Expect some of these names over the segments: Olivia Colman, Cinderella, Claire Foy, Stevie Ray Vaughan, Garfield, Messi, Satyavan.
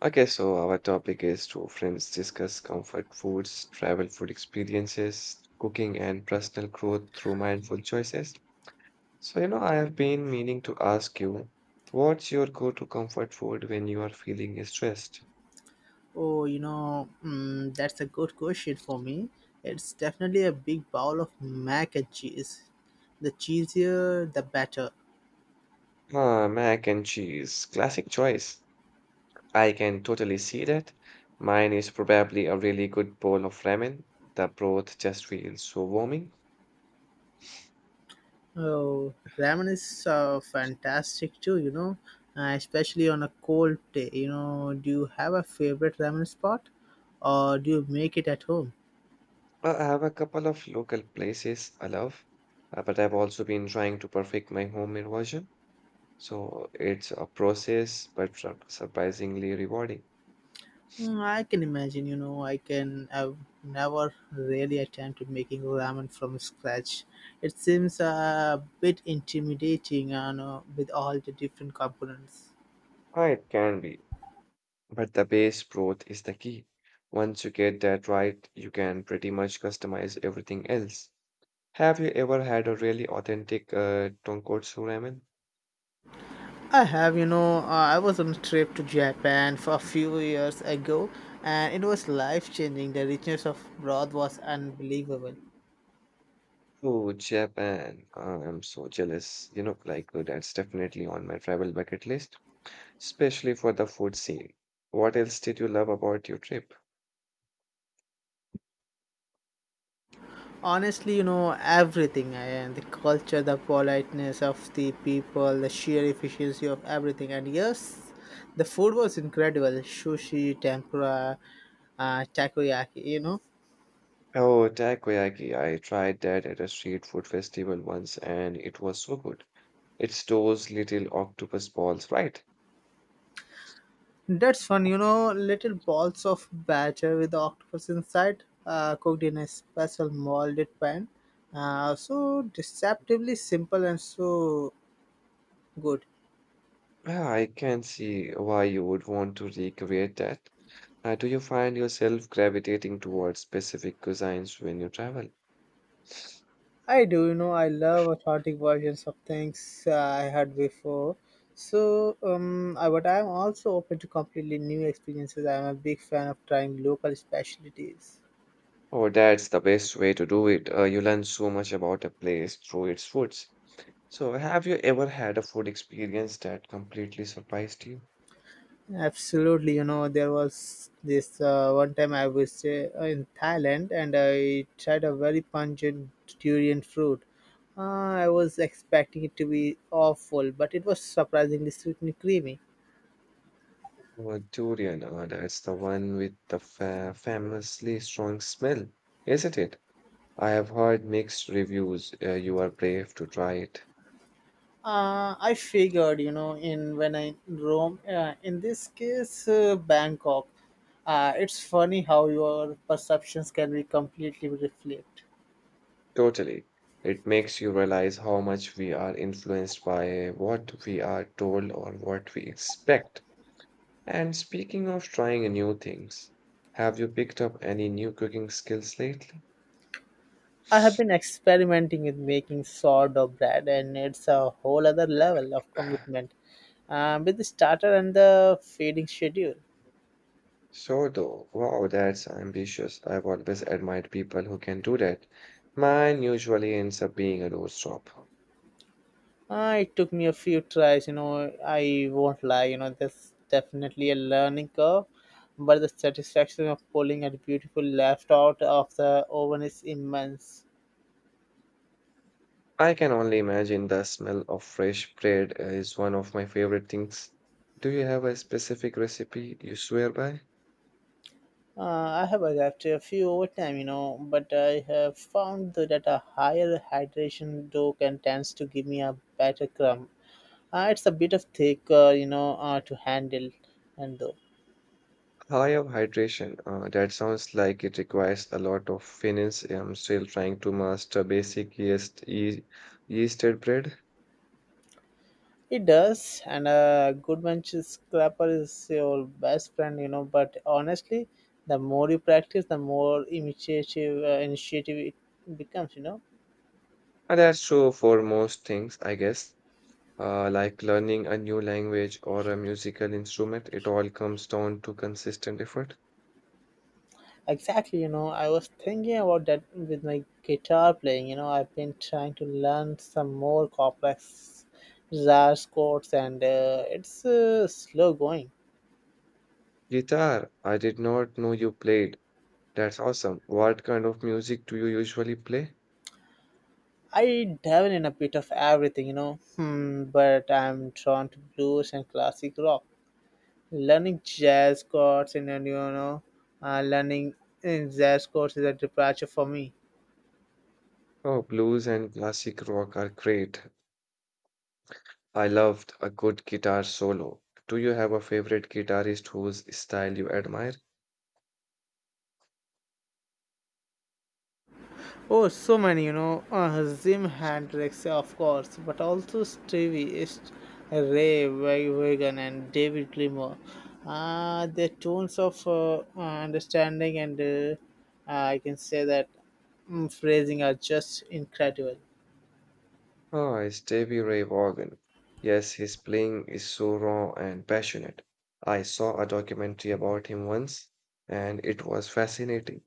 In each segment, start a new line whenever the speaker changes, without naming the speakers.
Okay, so our topic is to friends discuss comfort foods, travel food experiences, cooking, and personal growth through mindful choices. So, I have been meaning to ask you, what's your go-to comfort food when you are feeling stressed?
Oh, you know, that's a good question for me. It's definitely a big bowl of mac and cheese. The cheesier, the better.
Ah, mac and cheese, classic choice. I can totally see that. Mine is probably a really good bowl of ramen. The broth just feels so warming.
Oh, ramen is fantastic too, you know, especially on a cold day. You know, do you have a favorite ramen spot or do you make it at home?
I have a couple of local places I love, but I've also been trying to perfect my homemade version. So it's a process, but surprisingly rewarding.
Mm, I can imagine, you know, I've never really attempted making ramen from scratch. It seems a bit intimidating, you know, with all the different components.
Ah, it can be, but the base broth is the key. Once you get that right, you can pretty much customize everything else. Have you ever had a really authentic tonkotsu ramen?
I have, you know, I was on a trip to Japan for a few years ago, and it was life changing. The richness of broth was unbelievable.
Oh, Japan. I'm so jealous. That's definitely on my travel bucket list. Especially for the food scene. What else did you love about your trip?
Honestly, you know, everything and the culture, the politeness of the people, the sheer efficiency of everything. And yes, the food was incredible sushi, tempura, takoyaki, you know.
Oh, takoyaki. I tried that at a street food festival once and it was so good. It's those little octopus balls, right?
That's fun, you know, little balls of batter with the octopus inside, cooked in a special molded pan. So deceptively simple and so good.
Ah, I can see why you would want to recreate that. Do you find yourself gravitating towards specific cuisines when you travel?
I do, you know, I love authentic versions of things I had before. So, but I'm also open to completely new experiences. I'm a big fan of trying local specialties.
Oh, that's the best way to do it. You learn so much about a place through its foods. So, have you ever had a food experience that completely surprised you?
Absolutely, you know, there was this one time I was in Thailand and I tried a very pungent durian fruit. I was expecting it to be awful, but it was surprisingly sweet and creamy.
Oh, durian, that's the one with the fa famously strong smell, isn't it? I have heard mixed reviews. You are brave to try it.
I figured, you know, in when I in Rome, in this case, Bangkok. It's funny how your perceptions can be completely reflect.
Totally. It makes you realize how much we are influenced by what we are told or what we expect. And speaking of trying new things, have you picked up any new cooking skills lately?
I have been experimenting with making sourdough bread, and it's a whole other level of commitment with the starter and the feeding schedule.
Sure, though. Wow, that's ambitious. I've always admired people who can do that. Mine usually ends up being a doorstop.
It took me a few tries, you know. I won't lie, you know, there's definitely a learning curve, but the satisfaction of pulling a beautiful left out of the oven is immense.
I can only imagine the smell of fresh bread is one of my favorite things. Do you have a specific recipe you swear by?
I have adapted a few over time, you know, but I have found that a higher hydration dough can tends to give me a better crumb. It's a bit of thicker, you know, to handle and though.
High of hydration. That sounds like it requires a lot of finesse. I'm still trying to master basic yeasted bread.
It does, and a good Manchester clapper is your best friend, you know. But honestly, the more you practice, the more initiative it becomes, you know.
That's true for most things, I guess. Like learning a new language or a musical instrument, it all comes down to consistent effort.
Exactly, you know. I was thinking about that with my guitar playing. You know, I've been trying to learn some more complex jazz chords, and it's slow going.
Guitar, I did not know you played. That's awesome. What kind of music do you usually play?
I dabble in a bit of everything, you know, but I'm drawn to blues and classic rock. Learning jazz chords in a piano, learning in jazz chords is a departure for me.
Oh, blues and classic rock are great. I loved a good guitar solo. Do you have a favorite guitarist whose style you admire?
Oh, so many, you know, Jim Hendrix, of course, but also Stevie, East, Ray Vaughan, and David Gilmour. The tones of understanding and I can say that phrasing are just incredible.
Oh, it's Stevie Ray Vaughan. Yes, his playing is so raw and passionate. I saw a documentary about him once, and it was fascinating.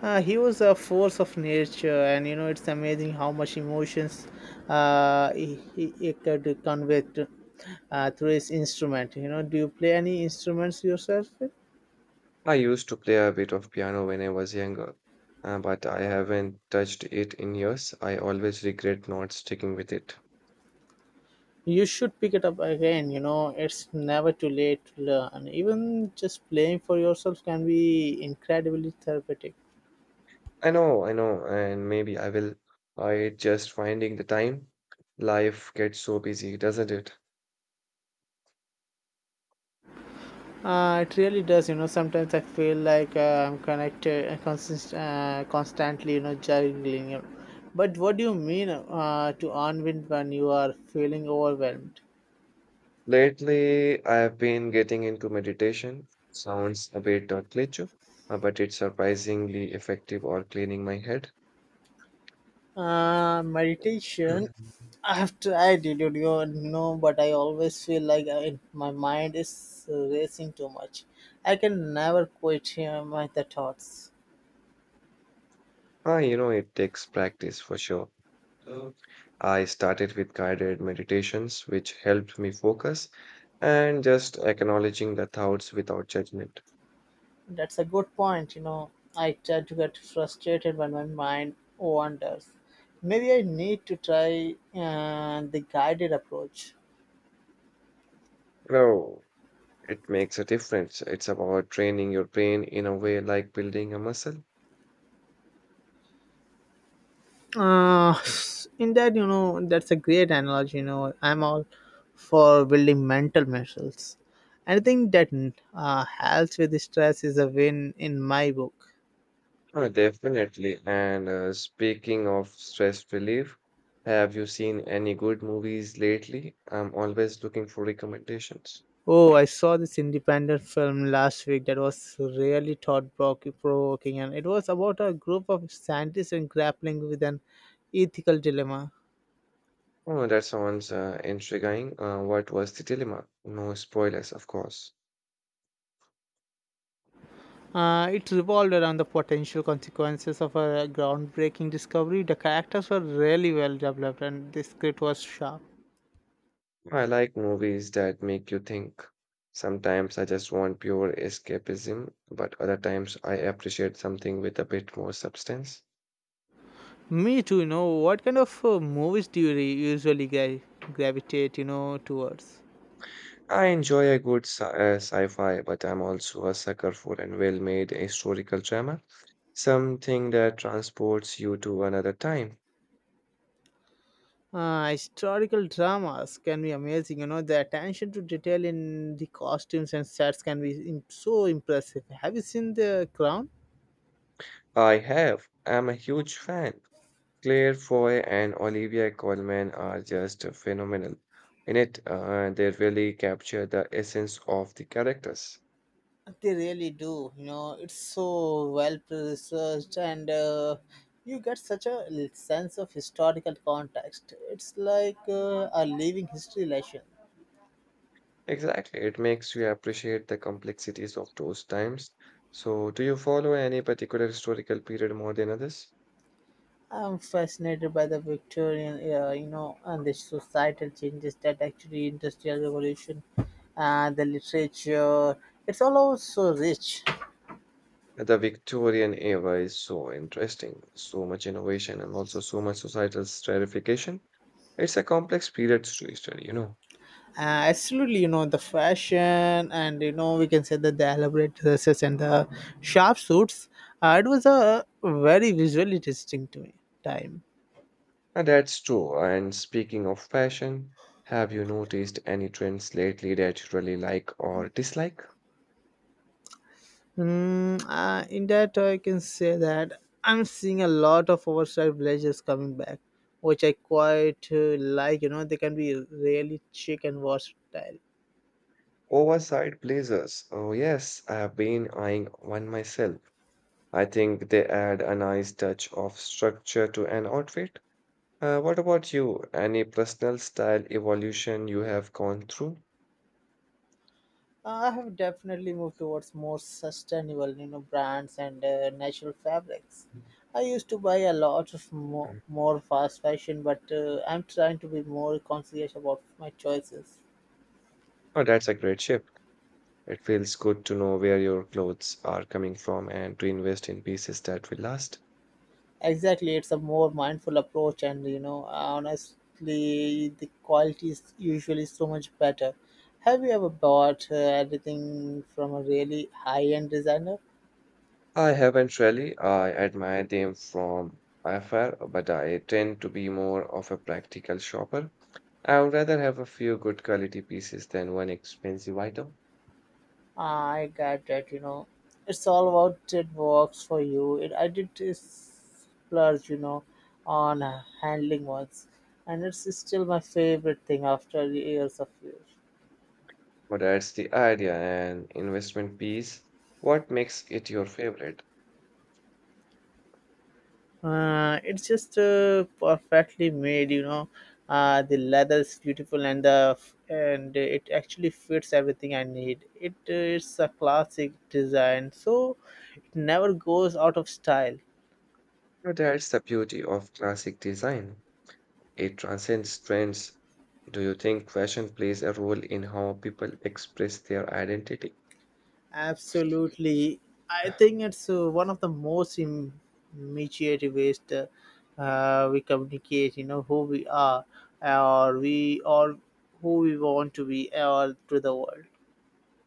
He was a force of nature, and you know it's amazing how much emotions he could convey to, through his instrument. You know, do you play any instruments yourself?
I used to play a bit of piano when I was younger, but I haven't touched it in years. I always regret not sticking with it.
You should pick it up again. You know, it's never too late to learn. Even just playing for yourself can be incredibly therapeutic.
And maybe I will. I just finding the time. Life gets so busy, doesn't it?
It really does, you know. Sometimes I feel like I'm connected and constantly, you know, juggling, you know. But what do you mean to unwind when you are feeling overwhelmed?
Lately, I've been getting into meditation. Sounds a bit cliché, but it's surprisingly effective or cleaning my head.
Meditation. I've tried it, you know, no, but I always feel like my mind is racing too much. I can never quit my the thoughts.
Ah, it takes practice for sure. I started with guided meditations, which helped me focus and just acknowledging the thoughts without judgment.
That's a good point. You know, I tend to get frustrated when my mind wanders. Maybe I need to try the guided approach.
Now, it makes a difference. It's about training your brain in a way like building a muscle.
Uh, in that, you know, that's a great analogy. You know, I'm all for building mental muscles. Anything that helps with stress is a win in my book.
Oh, definitely. And speaking of stress relief, have you seen any good movies lately? I'm always looking for recommendations.
Oh, I saw this independent film last week that was really provoking, and it was about a group of scientists and grappling with an ethical dilemma.
Oh, that sounds intriguing. What was the dilemma? No spoilers, of course.
It revolved around the potential consequences of a groundbreaking discovery. The characters were really well developed, and the script was sharp.
I like movies that make you think. Sometimes I just want pure escapism, but other times I appreciate something with a bit more substance.
Me too, you know. What kind of movies do you usually gravitate, you know, towards?
I enjoy a good sci-fi, but I'm also a sucker for a well-made historical drama, something that transports you to another time.
Historical dramas can be amazing. You know, the attention to detail in the costumes and sets can be so impressive. Have you seen The Crown?
I have. I'm a huge fan. Claire Foy and Olivia Colman are just phenomenal. In it, they really capture the essence of the characters.
They really do. You know, it's so well researched, and you get such a sense of historical context. It's like a living history lesson.
Exactly. It makes you appreciate the complexities of those times. So, do you follow any particular historical period more than others?
I'm fascinated by the Victorian era, you know, and the societal changes that actually industrial revolution, the literature. It's all over so rich.
The Victorian era is so interesting, so much innovation and also so much societal stratification. It's a complex period to study, you know.
Absolutely, you know, the fashion and, you know, we can say that the elaborate dresses and the sharp suits. It was a very visually distinct to me time.
And that's true. And speaking of fashion, have you noticed any trends lately that you really like or dislike?
In that I can say that I'm seeing a lot of oversized blazers coming back, which I quite like. You know, they can be really chic and versatile.
Oversized blazers. Oh, yes, I have been eyeing one myself. I think they add a nice touch of structure to an outfit. What about you? Any personal style evolution you have gone through?
I have definitely moved towards more sustainable, you know, brands and natural fabrics. I used to buy a lot of
Mm.
more fast fashion, but I'm trying to be more conscious about my choices.
Oh, that's a great shift. It feels good to know where your clothes are coming from and to invest in pieces that will last.
Exactly, it's a more mindful approach, and you know, honestly, the quality is usually so much better. Have you ever bought everything from a really high-end designer?
I haven't really. I admire them from afar, but I tend to be more of a practical shopper. I would rather have a few good quality pieces than one expensive item.
I got that, you know, it's all about it works for you. It, I did this splurge, you know, on handling once, and it's still my favorite thing after years of use.
But that's the idea and investment piece. What makes it your favorite?
It's just perfectly made, you know. The leather is beautiful, and the and it actually fits everything I need. It is a classic design, so it never goes out of style.
But that's the beauty of classic design. It transcends trends. Do you think fashion plays a role in how people express their identity?
Absolutely, I think it's one of the most immediate ways to, we communicate. You know who we are, or who we want to be, or to the world.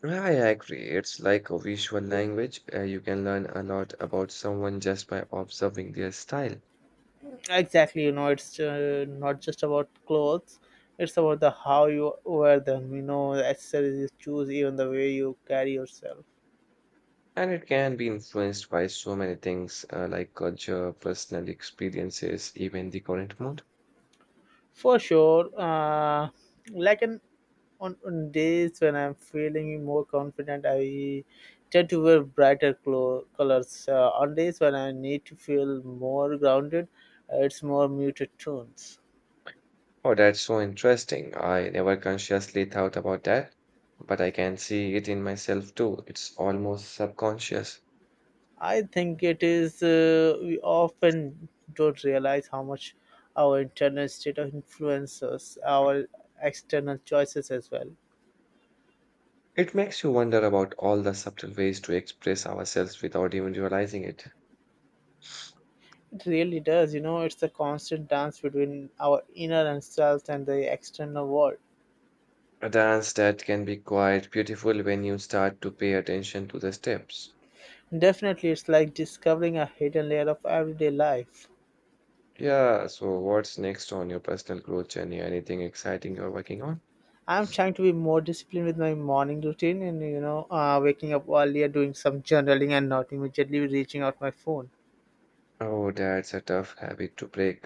Yeah, I agree. It's like a visual language. You can learn a lot about someone just by observing their style.
Exactly, you know, it's not just about clothes. It's about the how you wear them. You know, the accessories you choose, even the way you carry yourself.
And it can be influenced by so many things like culture, personal experiences, even the current mood.
For sure, like in, on days when I'm feeling more confident, I tend to wear brighter colors. On days when I need to feel more grounded, it's more muted tones.
Oh, that's so interesting. I never consciously thought about that, but I can see it in myself too. It's almost subconscious.
I think it is we often don't realize how much our internal state of influences our external choices as well.
It makes you wonder about all the subtle ways to express ourselves without even realizing it.
It really does, you know, it's a constant dance between our inner and selves and the external world.
A dance that can be quite beautiful when you start to pay attention to the steps.
Definitely, it's like discovering a hidden layer of everyday life.
Yeah, so what's next on your personal growth journey? Anything exciting you're working on?
I'm trying to be more disciplined with my morning routine and, you know, waking up earlier, doing some journaling, and not immediately reaching out my phone.
Oh, that's a tough habit to break.